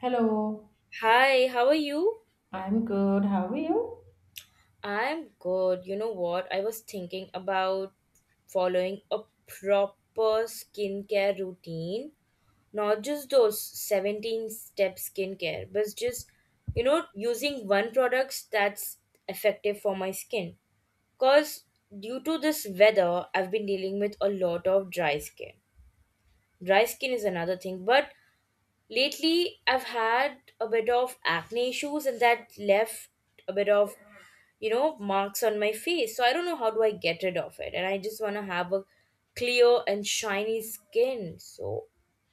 Hello, Hi, how are you? I'm good. How are you? I'm good. You know what? I was thinking about following a proper skincare routine, not just those 17 step skincare, but just using one product that's effective for my skin. Because due to this weather, I've been dealing with a lot of dry skin. Dry skin is another thing, but lately, I've had a bit of acne issues and that left a bit of marks on my face. So I don't know how do I get rid of it. And I just want to have a clear and shiny skin. So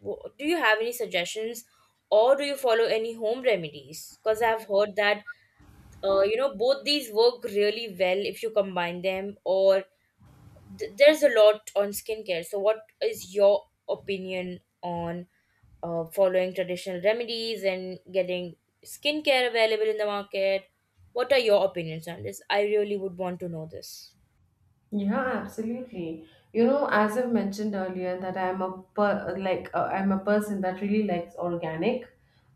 do you have any suggestions or do you follow any home remedies? Because I've heard that both these work really well if you combine them or there's a lot on skincare. So, what is your opinion on following traditional remedies and getting skincare available in the market? What are your opinions on this? I really would want to know this. Yeah, absolutely. You know, as I've mentioned earlier, that I'm a per like I'm a person that really likes organic,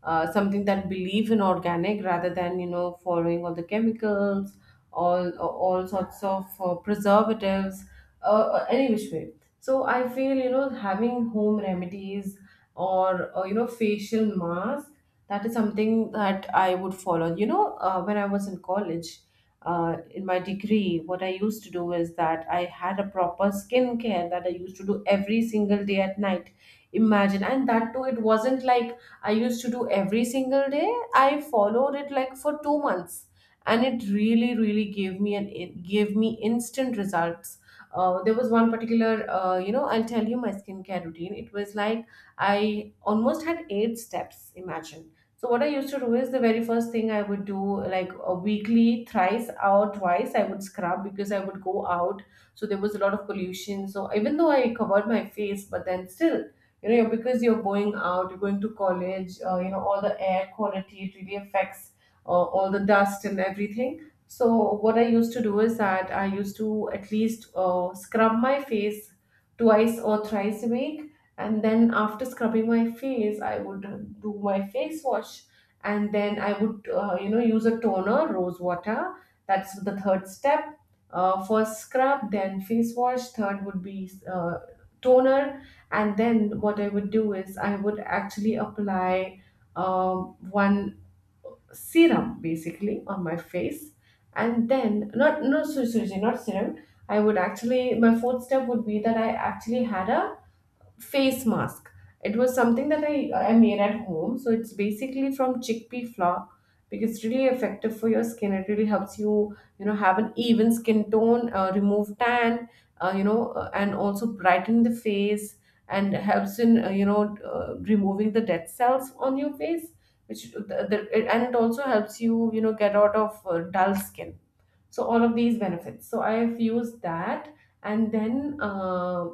something that believe in organic rather than you know following all the chemicals, all sorts of preservatives, any which way. So I feel you know having home remedies or you know facial mask that is something that I would follow. You know, when I was in college. Uh, in my degree, what I used to do is that I had a proper skincare that I used to do every single day at night. Imagine, and that too, it wasn't like I used to do every single day. I followed it like for 2 months, and it really, really gave me an it gave me instant results. There was one particular, you know, I'll tell you my skincare routine. It was like I almost had 8 steps. Imagine, so what I used to do is the very first thing I would do like a weekly thrice or twice I would scrub because I would go out, so there was a lot of pollution, so even though I covered my face but then still, you know, because you're going out, you're going to college, you know, all the air quality it really affects, all the dust and everything. So what I used to do is that I used to at least scrub my face twice or thrice a week, and then after scrubbing my face I would do my face wash, and then I would you know use a toner, rose water. That's the third step. Uh, first scrub, then face wash, third would be toner. And then what I would do is I would actually apply one serum basically on my face. And then not, no, sorry, sorry, sorry, not serum, I would actually, my fourth step would be that I actually had a face mask. It was something that I made at home. So it's basically from chickpea flour because it's really effective for your skin. It really helps you, you know, have an even skin tone, remove tan, you know, and also brighten the face and helps in, you know, removing the dead cells on your face. Which and it also helps you, you know, get out of dull skin. So all of these benefits. So I've used that, and then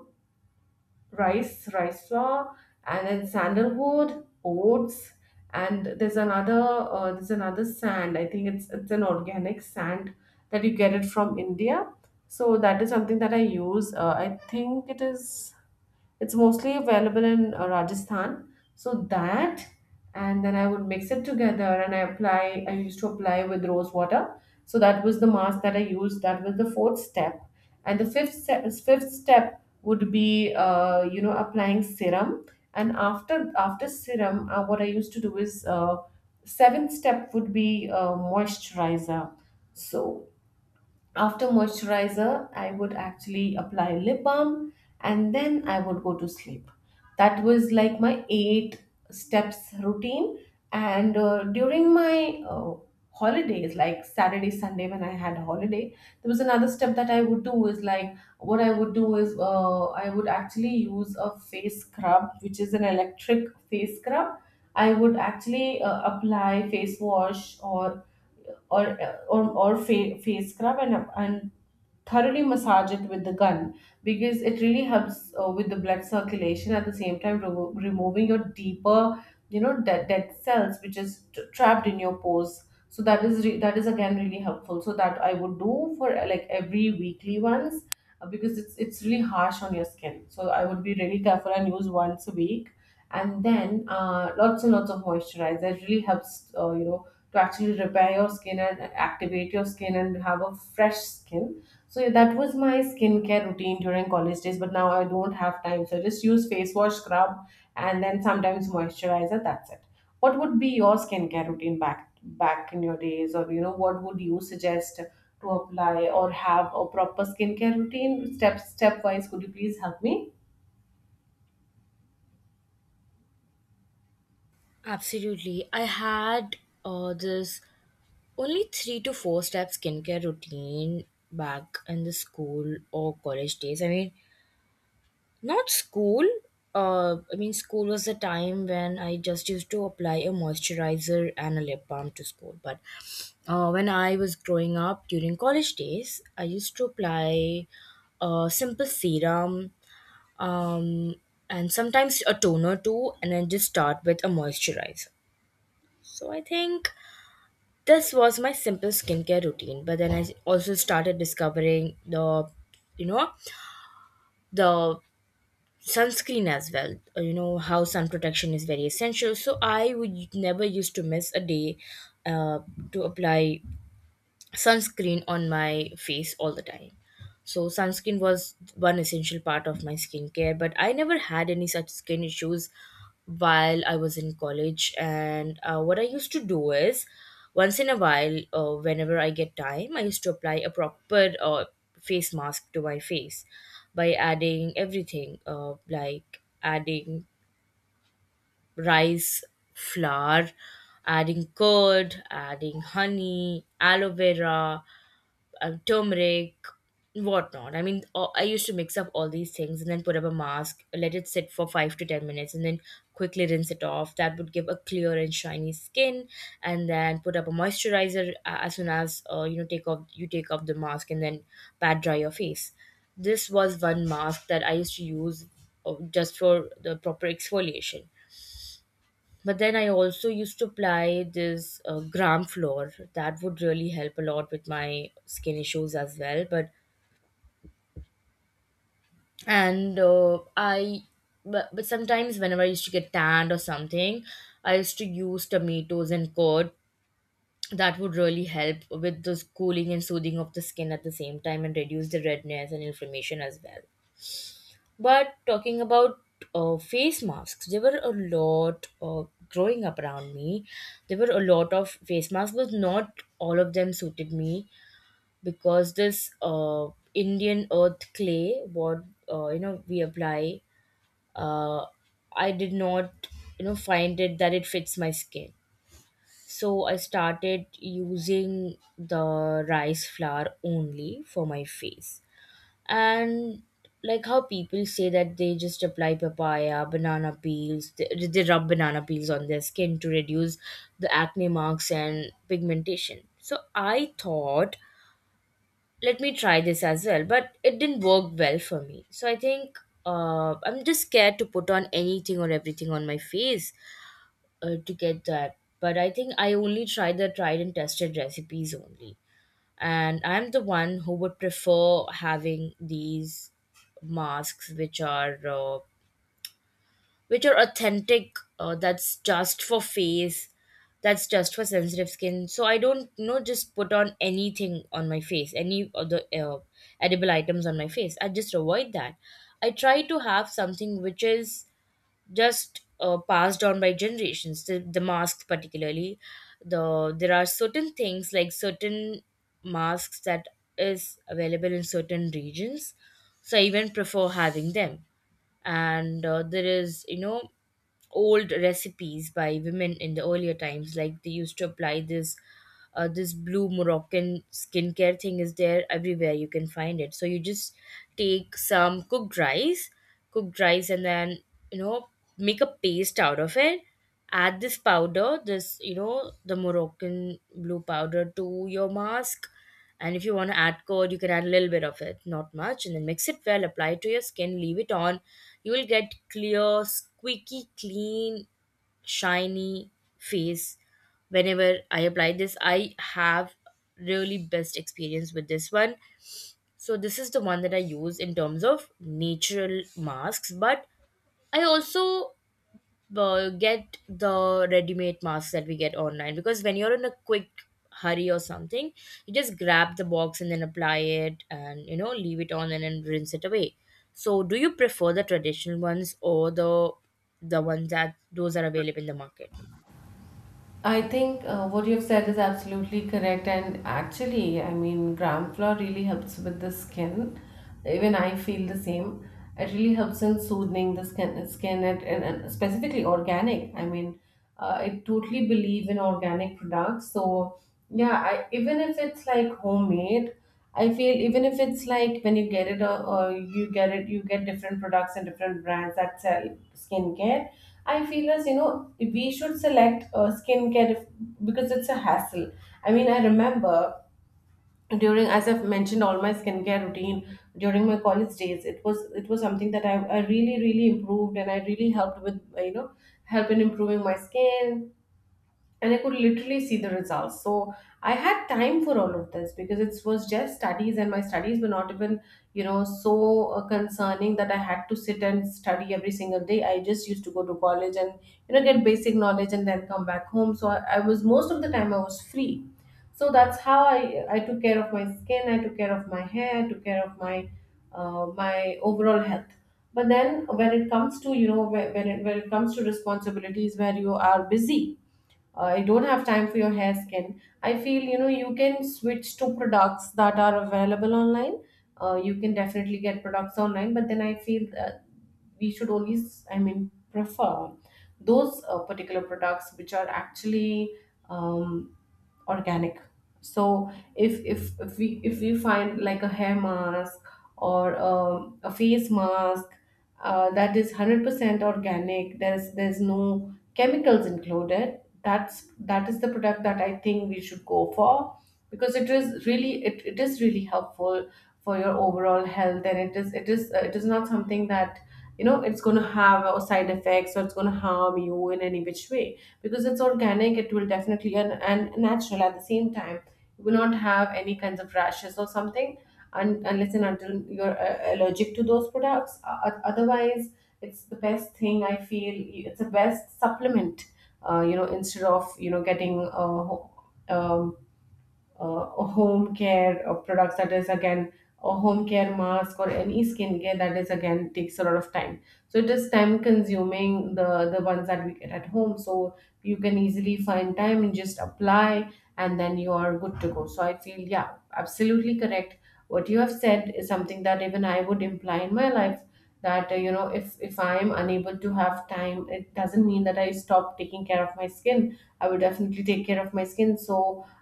rice flour, and then sandalwood, oats, and there's another sand. I think it's an organic sand that you get it from India. So that is something that I use. I think it is. It's mostly available in Rajasthan. So that, and then I would mix it together and I used to apply with rose water. So that was the mask that I used. That was the fourth step. And the fifth step would be, you know, applying serum. And after serum, what I used to do is, seventh step would be moisturizer. So after moisturizer I would actually apply lip balm, and then I would go to sleep. That was like my 8 steps routine. And during my holidays, like Saturday Sunday when I had a holiday, there was another step that I would do is like what I would do is, I would actually use a face scrub, which is an electric face scrub. I would actually apply face wash or face scrub, and thoroughly massage it with the gun, because it really helps with the blood circulation, at the same time removing your deeper, you know, dead cells which trapped in your pores. So that that is, again, really helpful. So that I would do for like every weekly once, because it's really harsh on your skin, so I would be really careful and use once a week. And then lots and lots of moisturizer, it really helps you know, to actually repair your skin and activate your skin and have a fresh skin. So yeah, that was my skincare routine during college days, but now I don't have time. So I just use face wash, scrub, and then sometimes moisturizer. That's it. What would be your skincare routine back in your days, or you know, what would you suggest to apply or have a proper skincare routine? Stepwise, could you please help me? Absolutely. I had this only three to four step skincare routine back in the school or college days. I mean, not school. I mean, school was a time when I just used to apply a moisturizer and a lip balm to school. But when I was growing up during college days, I used to apply a simple serum um, and sometimes a toner too, and then just start with a moisturizer. So I think this was my simple skincare routine. But then I also started discovering you know, the sunscreen as well. You know how sun protection is very essential, so I would never used to miss a day uh, to apply sunscreen on my face all the time. So sunscreen was one essential part of my skincare, but I never had any such skin issues while I was in college. And what I used to do is, once in a while, whenever I get time, I used to apply a proper face mask to my face by adding everything, like adding rice flour, adding curd, adding honey, aloe vera, turmeric, whatnot. I mean, I used to mix up all these things and then put up a mask, let it sit for 5 to 10 minutes, and then quickly rinse it off. That would give a clear and shiny skin. And then put up a moisturizer as soon as take off you take off the mask and then pat dry your face. This was one mask that I used to use just for the proper exfoliation. But then I also used to apply this gram floor. That would really help a lot with my skin issues as well. And uh, I, but sometimes whenever I used to get tanned or something, I used to use tomatoes and curd. That would really help with this cooling and soothing of the skin at the same time and reduce the redness and inflammation as well. But talking about face masks, there were a lot growing up around me. There were a lot of face masks, but not all of them suited me because this Indian earth clay, what you know we apply, uh, I did not find it that it fits my skin. So I started using the rice flour only for my face, and like how people say that they just apply papaya banana peels, they rub banana peels on their skin to reduce the acne marks and pigmentation. So I thought, let me try this as well, but it didn't work well for me. So I think I'm just scared to put on anything or everything on my face to get that. But I think I only try the tried and tested recipes only, and I'm the one who would prefer having these masks which are authentic, that's just for face, that's just for sensitive skin. So I don't just put on anything on my face, any other uh, edible items on my face. I just avoid that. I try to have something which is just passed on by generations, the masks particularly. There are certain things, like certain masks that is available in certain regions, so I even prefer having them. And there is, you know, old recipes by women in the earlier times, like they used to apply this blue Moroccan skincare thing is there everywhere, you can find it. So you just take some cooked rice and then you know make a paste out of it, add this powder, this the Moroccan blue powder to your mask, and if you want to add curd, you can add a little bit of it, not much, and then mix it well, apply it to your skin, leave it on. You will get clear, squeaky, clean, shiny face. Whenever I apply this, I have really best experience with this one. So this is the one that I use in terms of natural masks, but I also get the ready-made masks that we get online, because when you're in a quick hurry or something, you just grab the box and then apply it and leave it on and then rinse it away. So do you prefer the traditional ones or the ones that those are available in the market? I think what you've said is absolutely correct. And actually, I mean, gram flour really helps with the skin. Even I feel the same. It really helps in soothing the skin and, and specifically organic. I mean, I totally believe in organic products. So, yeah, I, even if it's like homemade, I feel even if it's like when you get it, or you get it, you get different products and different brands that sell skincare. I feel, as you know, we should select skincare if, because it's a hassle. I mean, I remember during, as I've mentioned, all my skincare routine during my college days. It was something that I really really improved, and I really helped with you know, help in improving my skin, and I could literally see the results. So I had time for all of this because it was just studies, and my studies were not even, you know, so concerning that I had to sit and study every single day. I just used to go to college and, you know, get basic knowledge and then come back home. So I was most of the time I was free. So that's how I took care of my skin. I took care of my hair. I took care of my my overall health. But then when it comes to, you know, when it comes to responsibilities where you are busy, you don't have time for your hair, skin, I feel, you know, you can switch to products that are available online. Uh, you can definitely get products online, but then I feel that we should always, I mean, prefer those particular products which are actually um, organic. So if we find like a hair mask or a face mask that is 100% organic, there's no chemicals included, that is the product that I think we should go for, because it is really, it is really helpful for your overall health, and it is not something that, you know, it's going to have side effects or it's going to harm you in any which way, because it's organic, it will definitely, and natural at the same time, you will not have any kinds of rashes or something unless and until you're allergic to those products. Otherwise, it's the best thing I feel. It's the best supplement, you know, instead of you know getting um, uh, home care products. That is again a home care mask, or any skincare that is again takes a lot of time. So it is time consuming, the ones that we get at home. So you can easily find time and just apply, and then you are good to go. So I feel, yeah, absolutely correct, what you have said is something that even I would imply in my life. That you know, if I am unable to have time, it doesn't mean that I stop taking care of my skin. I will definitely take care of my skin. So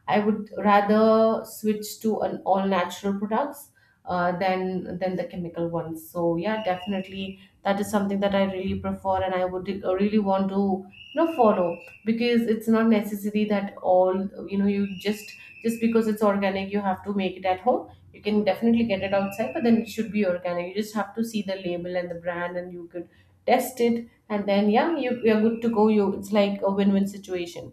I would rather switch to an all natural products, than the chemical ones. So yeah, definitely that is something that I really prefer, and I would really want to you know follow, because it's not necessary that all you know you just because it's organic you have to make it at home. You can definitely get it outside, but then it should be organic. You just have to see the label and the brand, and you could test it, and then yeah, you you're good to go. You, it's like a win-win situation.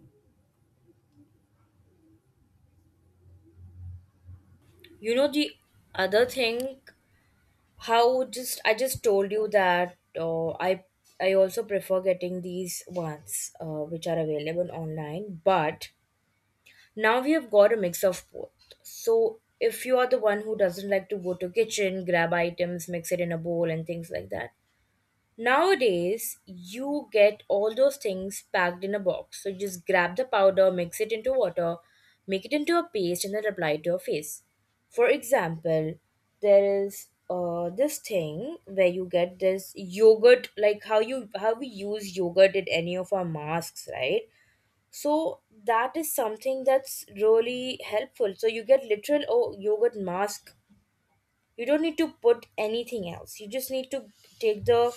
The other thing, how just I just told you that I also prefer getting these ones which are available online, but now we have got a mix of both. So if you are the one who doesn't like to go to kitchen, grab items, mix it in a bowl and things like that. Nowadays, you get all those things packed in a box. So just grab the powder, mix it into water, make it into a paste and then apply it to your face. For example, there is this thing where you get this yogurt, like how we use yogurt in any of our masks, right? So that is something that's really helpful. So you get literal, oh, yogurt mask. You don't need to put anything else. You just need to take the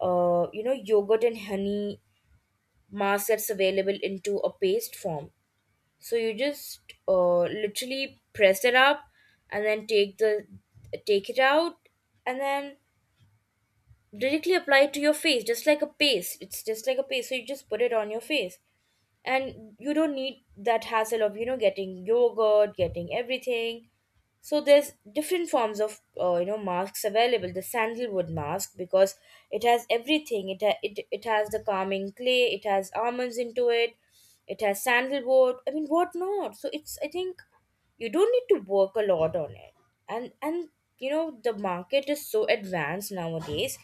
yogurt and honey mask that's available into a paste form. So you just literally press it up and then take it out and then directly apply it to your face just like a paste. It's just like a paste. So you just put it on your face and you don't need that hassle of getting yogurt, getting everything. So there's different forms of masks available, the sandalwood mask, because it has everything. It, ha- it it has the calming clay, it has almonds into it, it has sandalwood, I mean, what not so it's, I think, you don't need to work a lot on it. And the market is so advanced nowadays,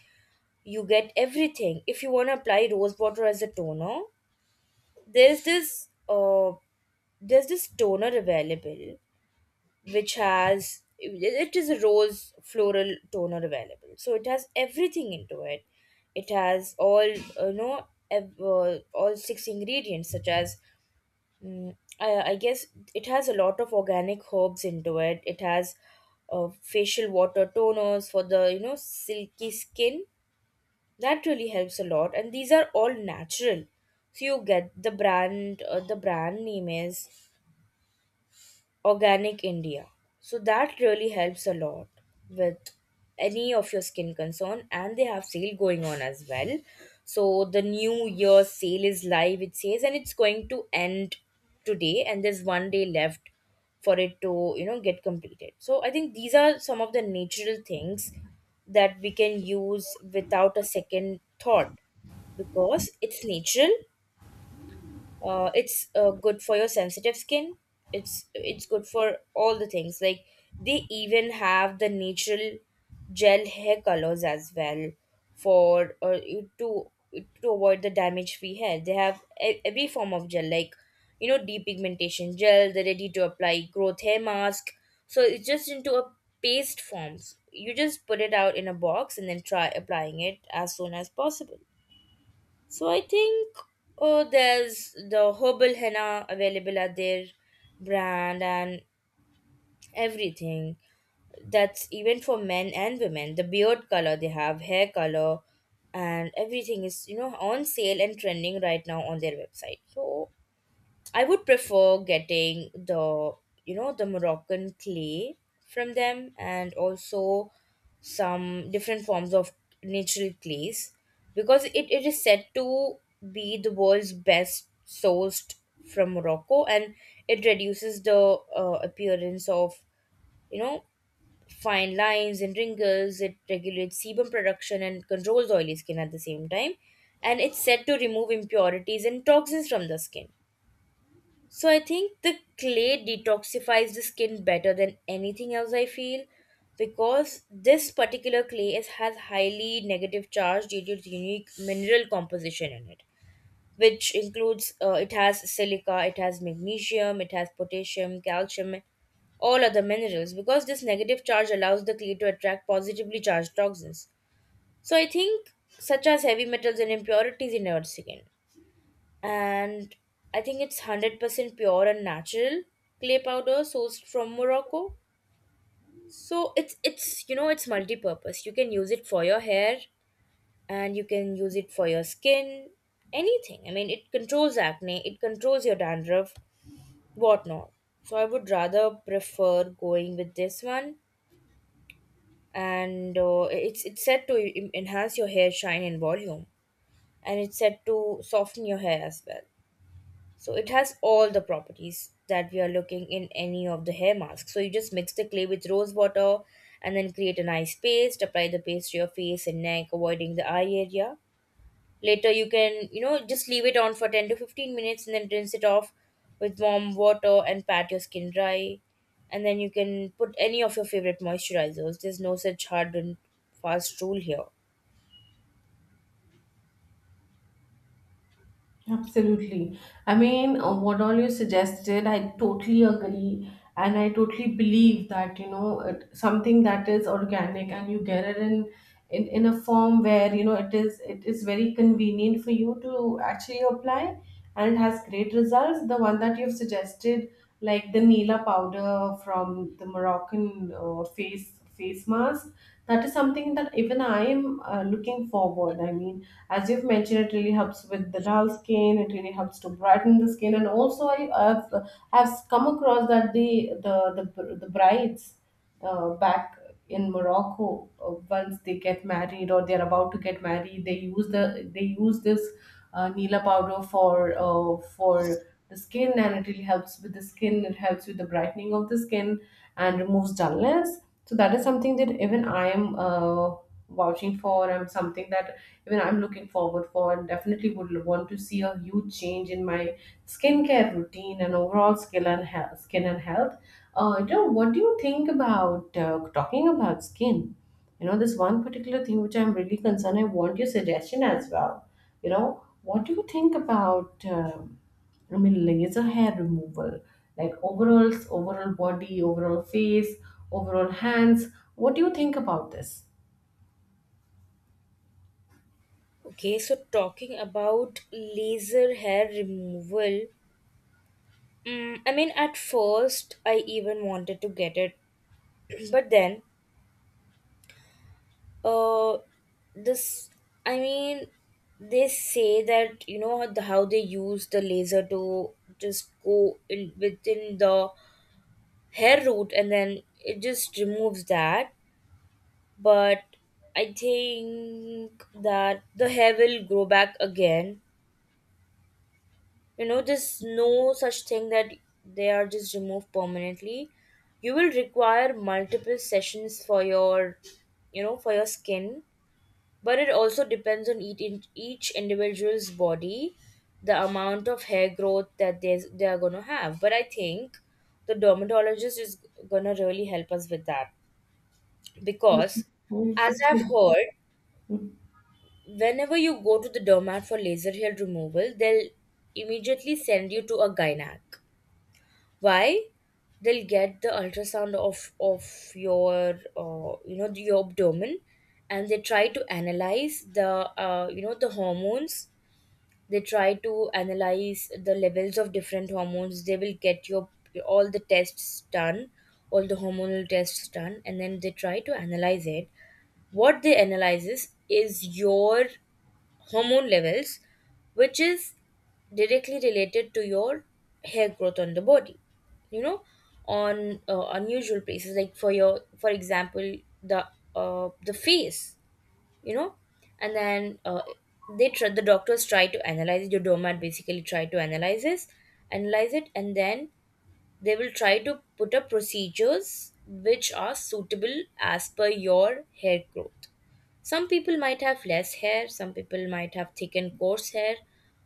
you get everything. If you want to apply rose water as a toner, there's this uh there's this toner available which has, it is a rose floral toner available, so it has everything into it. It has all you know ev- all six ingredients such as, mm, I guess, it has a lot of organic herbs into It has facial water toners for the silky skin that really helps a lot, and these are all natural. So you get the brand, the brand name is Organic India. So that really helps a lot with any of your skin concern, and they have sale going on as well. So the new year sale is live, it says, and it's going to end today, and there's one day left for it to get completed. So I think these are some of the natural things that we can use without a second thought because it's natural. It's good for your sensitive skin, it's good for all the things. Like, they even have the natural gel hair colors as well for you to avoid the damage free hair. They have every form of gel, like, depigmentation gel, the ready to apply growth hair mask. So it's just into a paste forms, you just put it out in a box and then try applying it as soon as possible. So I think, oh, there's the herbal henna available at their brand and everything. That's even for men and women. The beard color they have, hair color, and everything is on sale and trending right now on their website. So I would prefer getting the you know the Moroccan clay from them, and also some different forms of natural clays, because it is said to be the world's best, sourced from Morocco, and it reduces the appearance of you know fine lines and wrinkles. It regulates sebum production and controls oily skin at the same time, and it's said to remove impurities and toxins from the skin. So I think the clay detoxifies the skin better than anything else, I feel, because this particular clay has highly negative charge due to its unique mineral composition in it, which includes, it has silica, it has magnesium, it has potassium, calcium, all other minerals. Because this negative charge allows the clay to attract positively charged toxins, so I think, such as heavy metals and impurities in our skin. And I think it's 100% pure and natural clay powder sourced from Morocco. So it's it's multi-purpose. You can use it for your hair and you can use it for your skin, anything. I mean, it controls acne, it controls your dandruff, whatnot. So I would rather prefer going with this one, and it's said to enhance your hair shine and volume, and it's said to soften your hair as well. So it has all the properties that we are looking in any of the hair masks. So you just mix the clay with rose water and then create a nice paste, apply the paste to your face and neck, avoiding the eye area. Later you can, just leave it on for 10 to 15 minutes and then rinse it off with warm water and pat your skin dry. And then you can put any of your favorite moisturizers. There's no such hard and fast rule here. Absolutely. I mean, what all you suggested, I totally agree. And I totally believe that, you know, it, something that is organic and you get it in, a form where, you know, it is very convenient for you to actually apply, and it has great results. The one that you've suggested, like the Nila powder from the Moroccan face mask, that is something that even I am looking forward. I mean, as you've mentioned, it really helps with the dull skin. It really helps to brighten the skin, and also I've I've come across that the brides back in Morocco once they get married or they're about to get married, they use this Nila powder for the skin, and it really helps with the skin. It helps with the brightening of the skin and removes dullness, so that is something that even I am vouching for. I'm something that even I'm looking forward for, and definitely would want to see a huge change in my skincare routine and overall skill and health, skin and health. What do you think about, talking about skin? You know, this one particular thing which I'm really concerned. I want your suggestion as well. You know, what do you think about? I mean, laser hair removal, like overalls, overall body, overall face, overall hands. What do you think about this? Okay, so talking about laser hair removal, I mean, at first, I even wanted to get it, but then, uh, this, I mean, they say that how they use the laser to just go in within the hair root and then it just removes that. But I think that the hair will grow back again. You know, there's no such thing that they are just removed permanently. You will require multiple sessions for your, for your skin, but it also depends on each individual's body, the amount of hair growth that they are going to have. But I think the dermatologist is going to really help us with that, Yes, because as you I've should. heard, whenever you go to the dermat for laser hair removal, they'll immediately send you to a gynac. Why? They'll get the ultrasound of your your abdomen, and they try to analyze the the hormones. They try to analyze the levels of different hormones. They will get your all the tests done, all the hormonal tests done, and then they try to analyze it. What they analyzes is your hormone levels, which is directly related to your hair growth on the body. You know, on unusual places, like for your, for example, the the face. You know, and then they try, the doctors try to analyze it. Your domat basically try to analyze this, analyze it, and then they will try to put up procedures which are suitable as per your hair growth. Some people might have less hair, some people might have thick and coarse hair.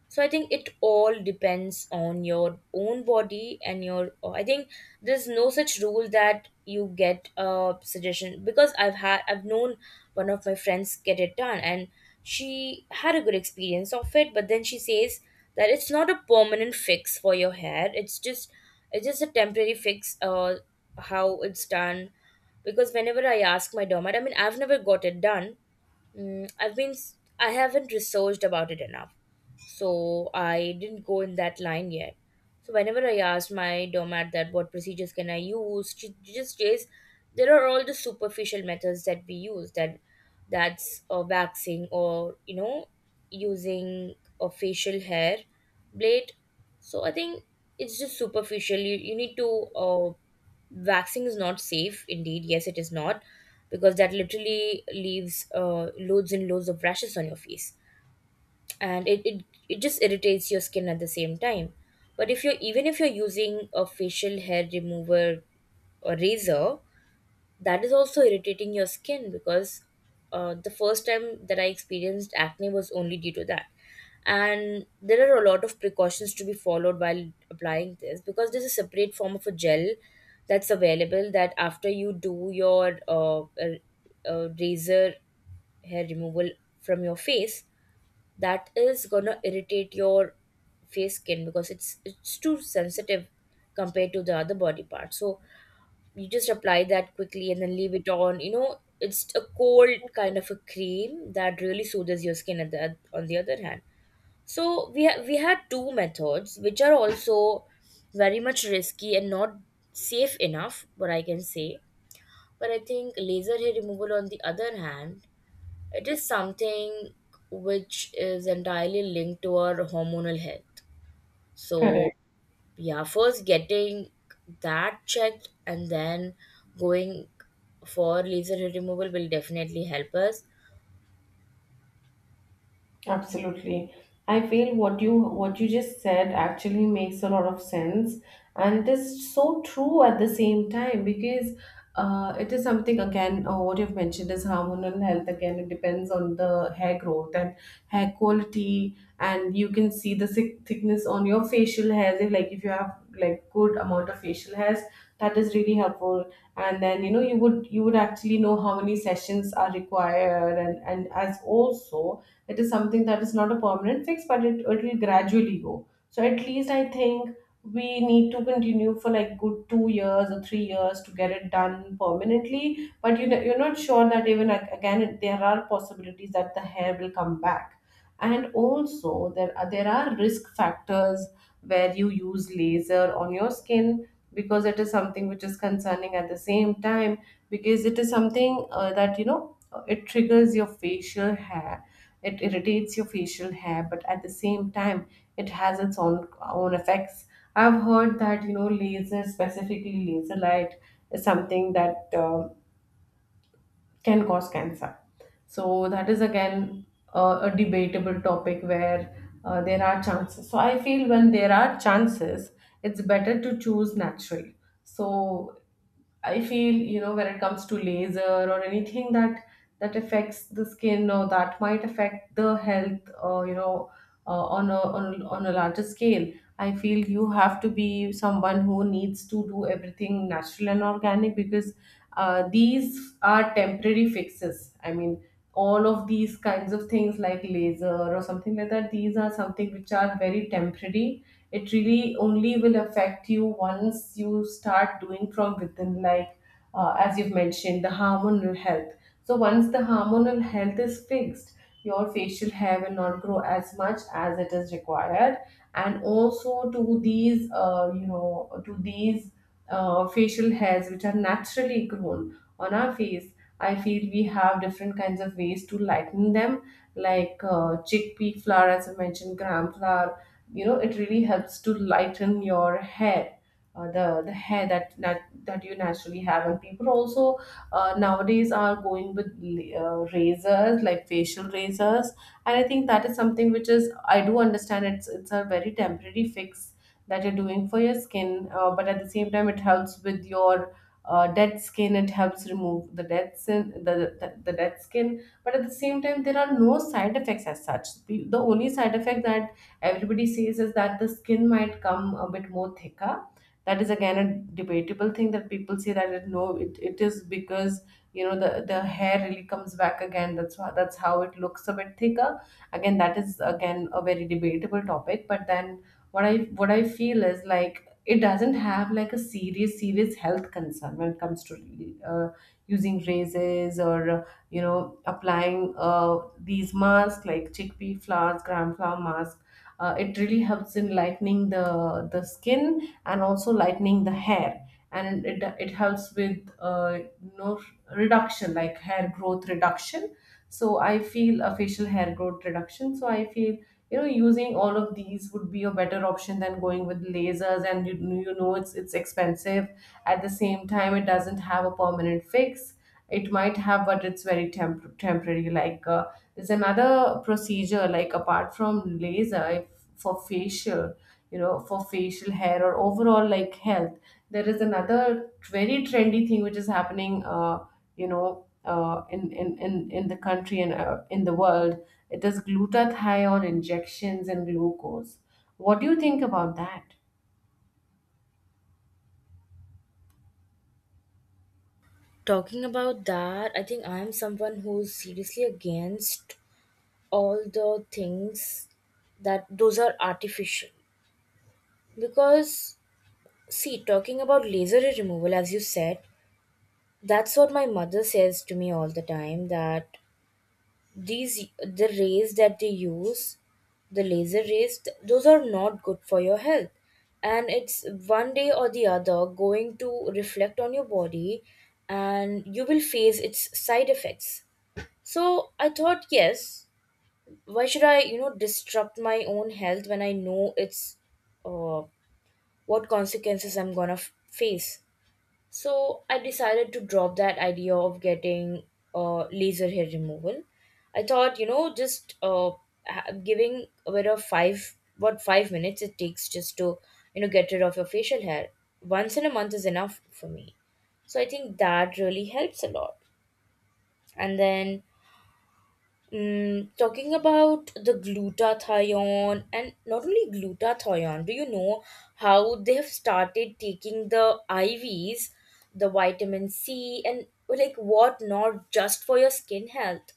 So I think it all depends on your own body and I think there's no such rule that you get a suggestion, because I've known one of my friends get it done, and she had a good experience of it, but then she says that it's not a permanent fix for your hair. It's just a temporary fix. How it's done, because whenever I ask my dermat, I mean, I've never got it done. I haven't researched about it enough, so I didn't go in that line yet. So whenever I asked my doormat that what procedures can I use, she just says there are all the superficial methods that we use, that that's waxing, or you know, using a facial hair blade. So I think it's just superficial. You need to, waxing is not safe. Indeed, yes, it is not, because that literally leaves loads and loads of rashes on your face, and it just irritates your skin at the same time. But if you're, even if you're using a facial hair remover or razor, that is also irritating your skin, because the first time that I experienced acne was only due to that. And there are a lot of precautions to be followed while applying this, because there's a separate form of a gel that's available, that after you do your razor hair removal from your face, that is gonna irritate your face skin because it's too sensitive compared to the other body part. So you just apply that quickly and then leave it on. You know, it's a cold kind of a cream that really soothes your skin, at the, on the other hand. So we had two methods which are also very much risky and not safe enough, what I can say. But I think laser hair removal, on the other hand, it is something which is entirely linked to our hormonal health. So, Correct. yeah, first getting that checked, and then going for laser hair removal will definitely help us. Absolutely. I feel what you just said actually makes a lot of sense, and it is so true at the same time, because it is something again, what you've mentioned is hormonal health. Again, it depends on the hair growth and hair quality, and you can see the thickness on your facial hairs. If like if you have like good amount of facial hairs, that is really helpful. And then, you know, you would actually know how many sessions are required, and as also it is something that is not a permanent fix, but it will gradually go. So at least I think we need to continue for like good 2 years or 3 years to get it done permanently. But you know, you're not sure that even like, again it- there are possibilities that the hair will come back. And also there are risk factors where you use laser on your skin, because it is something which is concerning at the same time, because it is something, that, you know, it triggers your facial hair, it irritates your facial hair, but at the same time it has its own effects. I've heard that, you know, laser, specifically laser light, is something that can cause cancer. So that is again a debatable topic where there are chances. So I feel when there are chances, it's better to choose natural. So I feel, you know, when it comes to laser or anything that affects the skin or that might affect the health, on a on a larger scale, I feel you have to be someone who needs to do everything natural and organic, because these are temporary fixes. I mean, all of these kinds of things like laser or something like that, these are something which are very temporary. It really only will affect you once you start doing from within, like, as you've mentioned, the hormonal health. So once the hormonal health is fixed, your facial hair will not grow as much as it is required. And also to these, to these facial hairs which are naturally grown on our face, I feel we have different kinds of ways to lighten them, like chickpea flour, as I mentioned, gram flour. You know, it really helps to lighten your hair, the hair that that you naturally have. And people also nowadays are going with razors, like facial razors. And I think that is something which is, I do understand, it's a very temporary fix that you're doing for your skin, but at the same time, it helps with your dead skin. It helps remove the dead skin, the dead skin. But at the same time, there are no side effects as such. The only side effect that everybody says is that the skin might come a bit more thicker. That is again a debatable thing that people say that it, no it, it is because, you know, the hair really comes back again. That's why, that's how it looks a bit thicker. Again, that is again a very debatable topic. But then what I feel is, like, it doesn't have like a serious health concern when it comes to uh, using razors or, applying these masks like chickpea flour, gram flour mask. It really helps in lightening the skin and also lightening the hair. And it helps with, reduction, like hair growth reduction. So I feel a facial hair growth reduction. So I feel, you know, using all of these would be a better option than going with lasers. And you know it's expensive. At the same time, it doesn't have a permanent fix. It might have, but it's very temporary. Like, there's another procedure, like apart from laser, if for facial, you know, for facial hair or overall like health. There is another very trendy thing which is happening, in, in the country and in the world. It is glutathione injections and glucose. What do you think about that? Talking about that, I think I am someone who's seriously against all the things that those are artificial. Because, see, talking about laser hair removal, as you said, that's what my mother says to me all the time that these, the rays that they use, the laser rays, those are not good for your health. And it's one day or the other going to reflect on your body, and you will face its side effects. So I thought, yes, why should I, you know, disrupt my own health when I know it's, uh, what consequences I'm gonna face? So I decided to drop that idea of getting laser hair removal. I thought, you know, just giving a bit of 5 minutes it takes just to, you know, get rid of your facial hair once in a month is enough for me. So I think that really helps a lot. And then, talking about the glutathione, and not only glutathione, do you know how they have started taking the IVs, the vitamin C, and like what not, just for your skin health?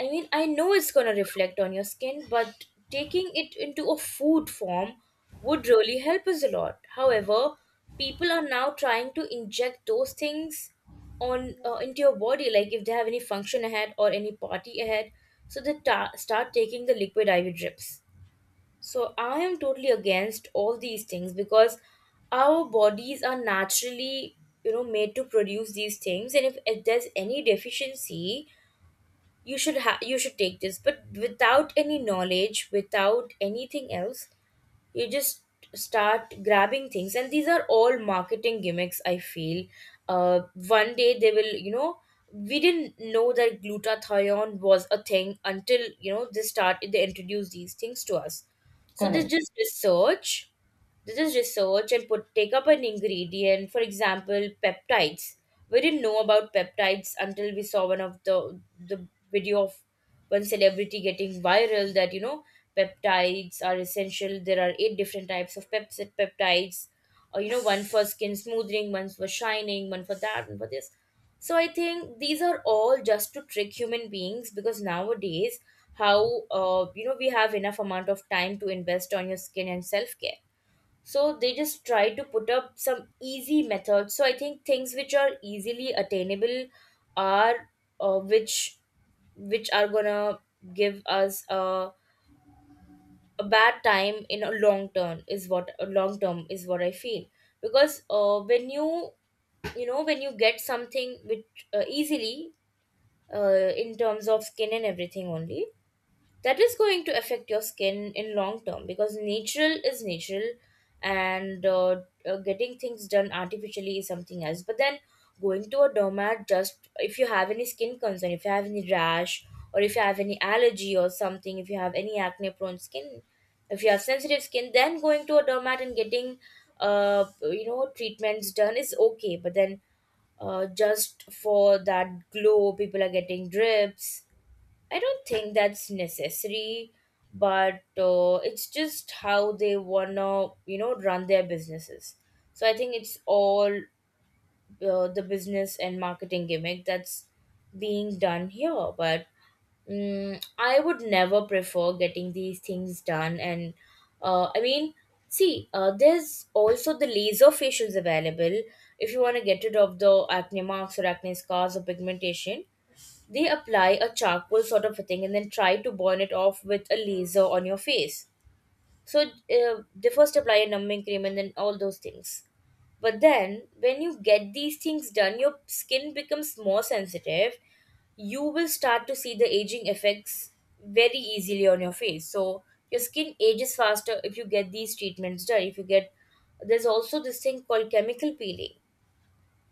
I mean, I know it's going to reflect on your skin, but taking it into a food form would really help us a lot. However, people are now trying to inject those things on, into your body, like if they have any function ahead or any party ahead, so they start taking the liquid IV drips. So I am totally against all these things, because our bodies are naturally, you know, made to produce these things, and if there's any deficiency, you should take this, but without any knowledge, without anything else, you just start grabbing things, and these are all marketing gimmicks, I feel. uh One day they will, you know, we didn't know that glutathione was a thing until, you know, they introduced these things to us. So they Correct. just research, this is research, and put take up an ingredient, for example, peptides. We didn't know about peptides until we saw one of the video of one celebrity getting viral, that you know peptides are essential. There are eight different types of pepsid peptides. Or you know, one for skin smoothing, one for shining, one for that, one for this. So I think these are all just to trick human beings, because nowadays how we have enough amount of time to invest on your skin and self care. So they just try to put up some easy methods. So I think things which are easily attainable are uh, which which are gonna give us a bad time in a long term, is what a long term is what I feel. Because when you get something which, easily, in terms of skin and everything only, that is going to affect your skin in long term, because natural is natural. And getting things done artificially is something else. But then, going to a dermat just if you have any skin concern, if you have any rash or if you have any allergy or something, if you have any acne prone skin, if you have sensitive skin, then going to a dermat and getting treatments done is okay, but then just for that glow people are getting drips. I don't think that's necessary, but it's just how they wanna, you know, run their businesses. So I think it's all the business and marketing gimmick that's being done here. But I would never prefer getting these things done. And I mean, see, there's also the laser facials available if you want to get rid of the acne marks or acne scars or pigmentation. They apply a charcoal sort of a thing and then try to burn it off with a laser on your face. So they first apply a numbing cream and then all those things. But then when you get these things done, your skin becomes more sensitive. You will start to see the aging effects very easily on your face. So your skin ages faster if you get these treatments done. If you get there's also this thing called chemical peeling,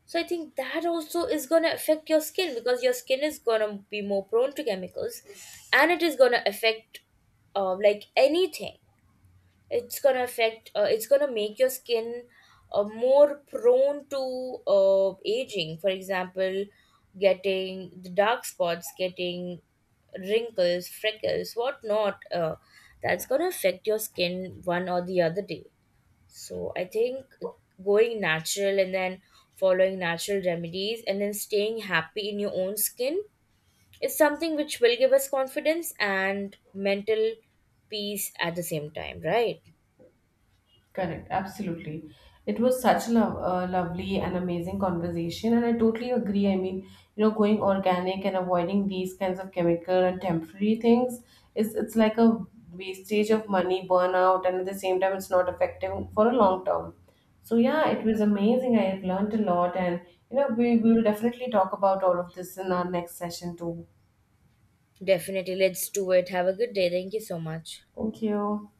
so I think that also is going to affect your skin, because your skin is going to be more prone to chemicals, and it is going to affect, like anything. It's going to make your skin more prone to aging. For example, getting the dark spots, getting wrinkles, freckles, whatnot. That's going to affect your skin one or the other day. So I think going natural and then following natural remedies and then staying happy in your own skin is something which will give us confidence and mental peace at the same time, right? Correct, absolutely. It was such a lovely and amazing conversation, and I totally agree. I mean, you know, going organic and avoiding these kinds of chemical and temporary things is, it's like a wastage of money, burnout, and at the same time, it's not effective for a long term. So yeah, it was amazing. I have learned a lot, and you know, we will definitely talk about all of this in our next session too. Definitely, let's do it. Have a good day. Thank you so much. Thank you.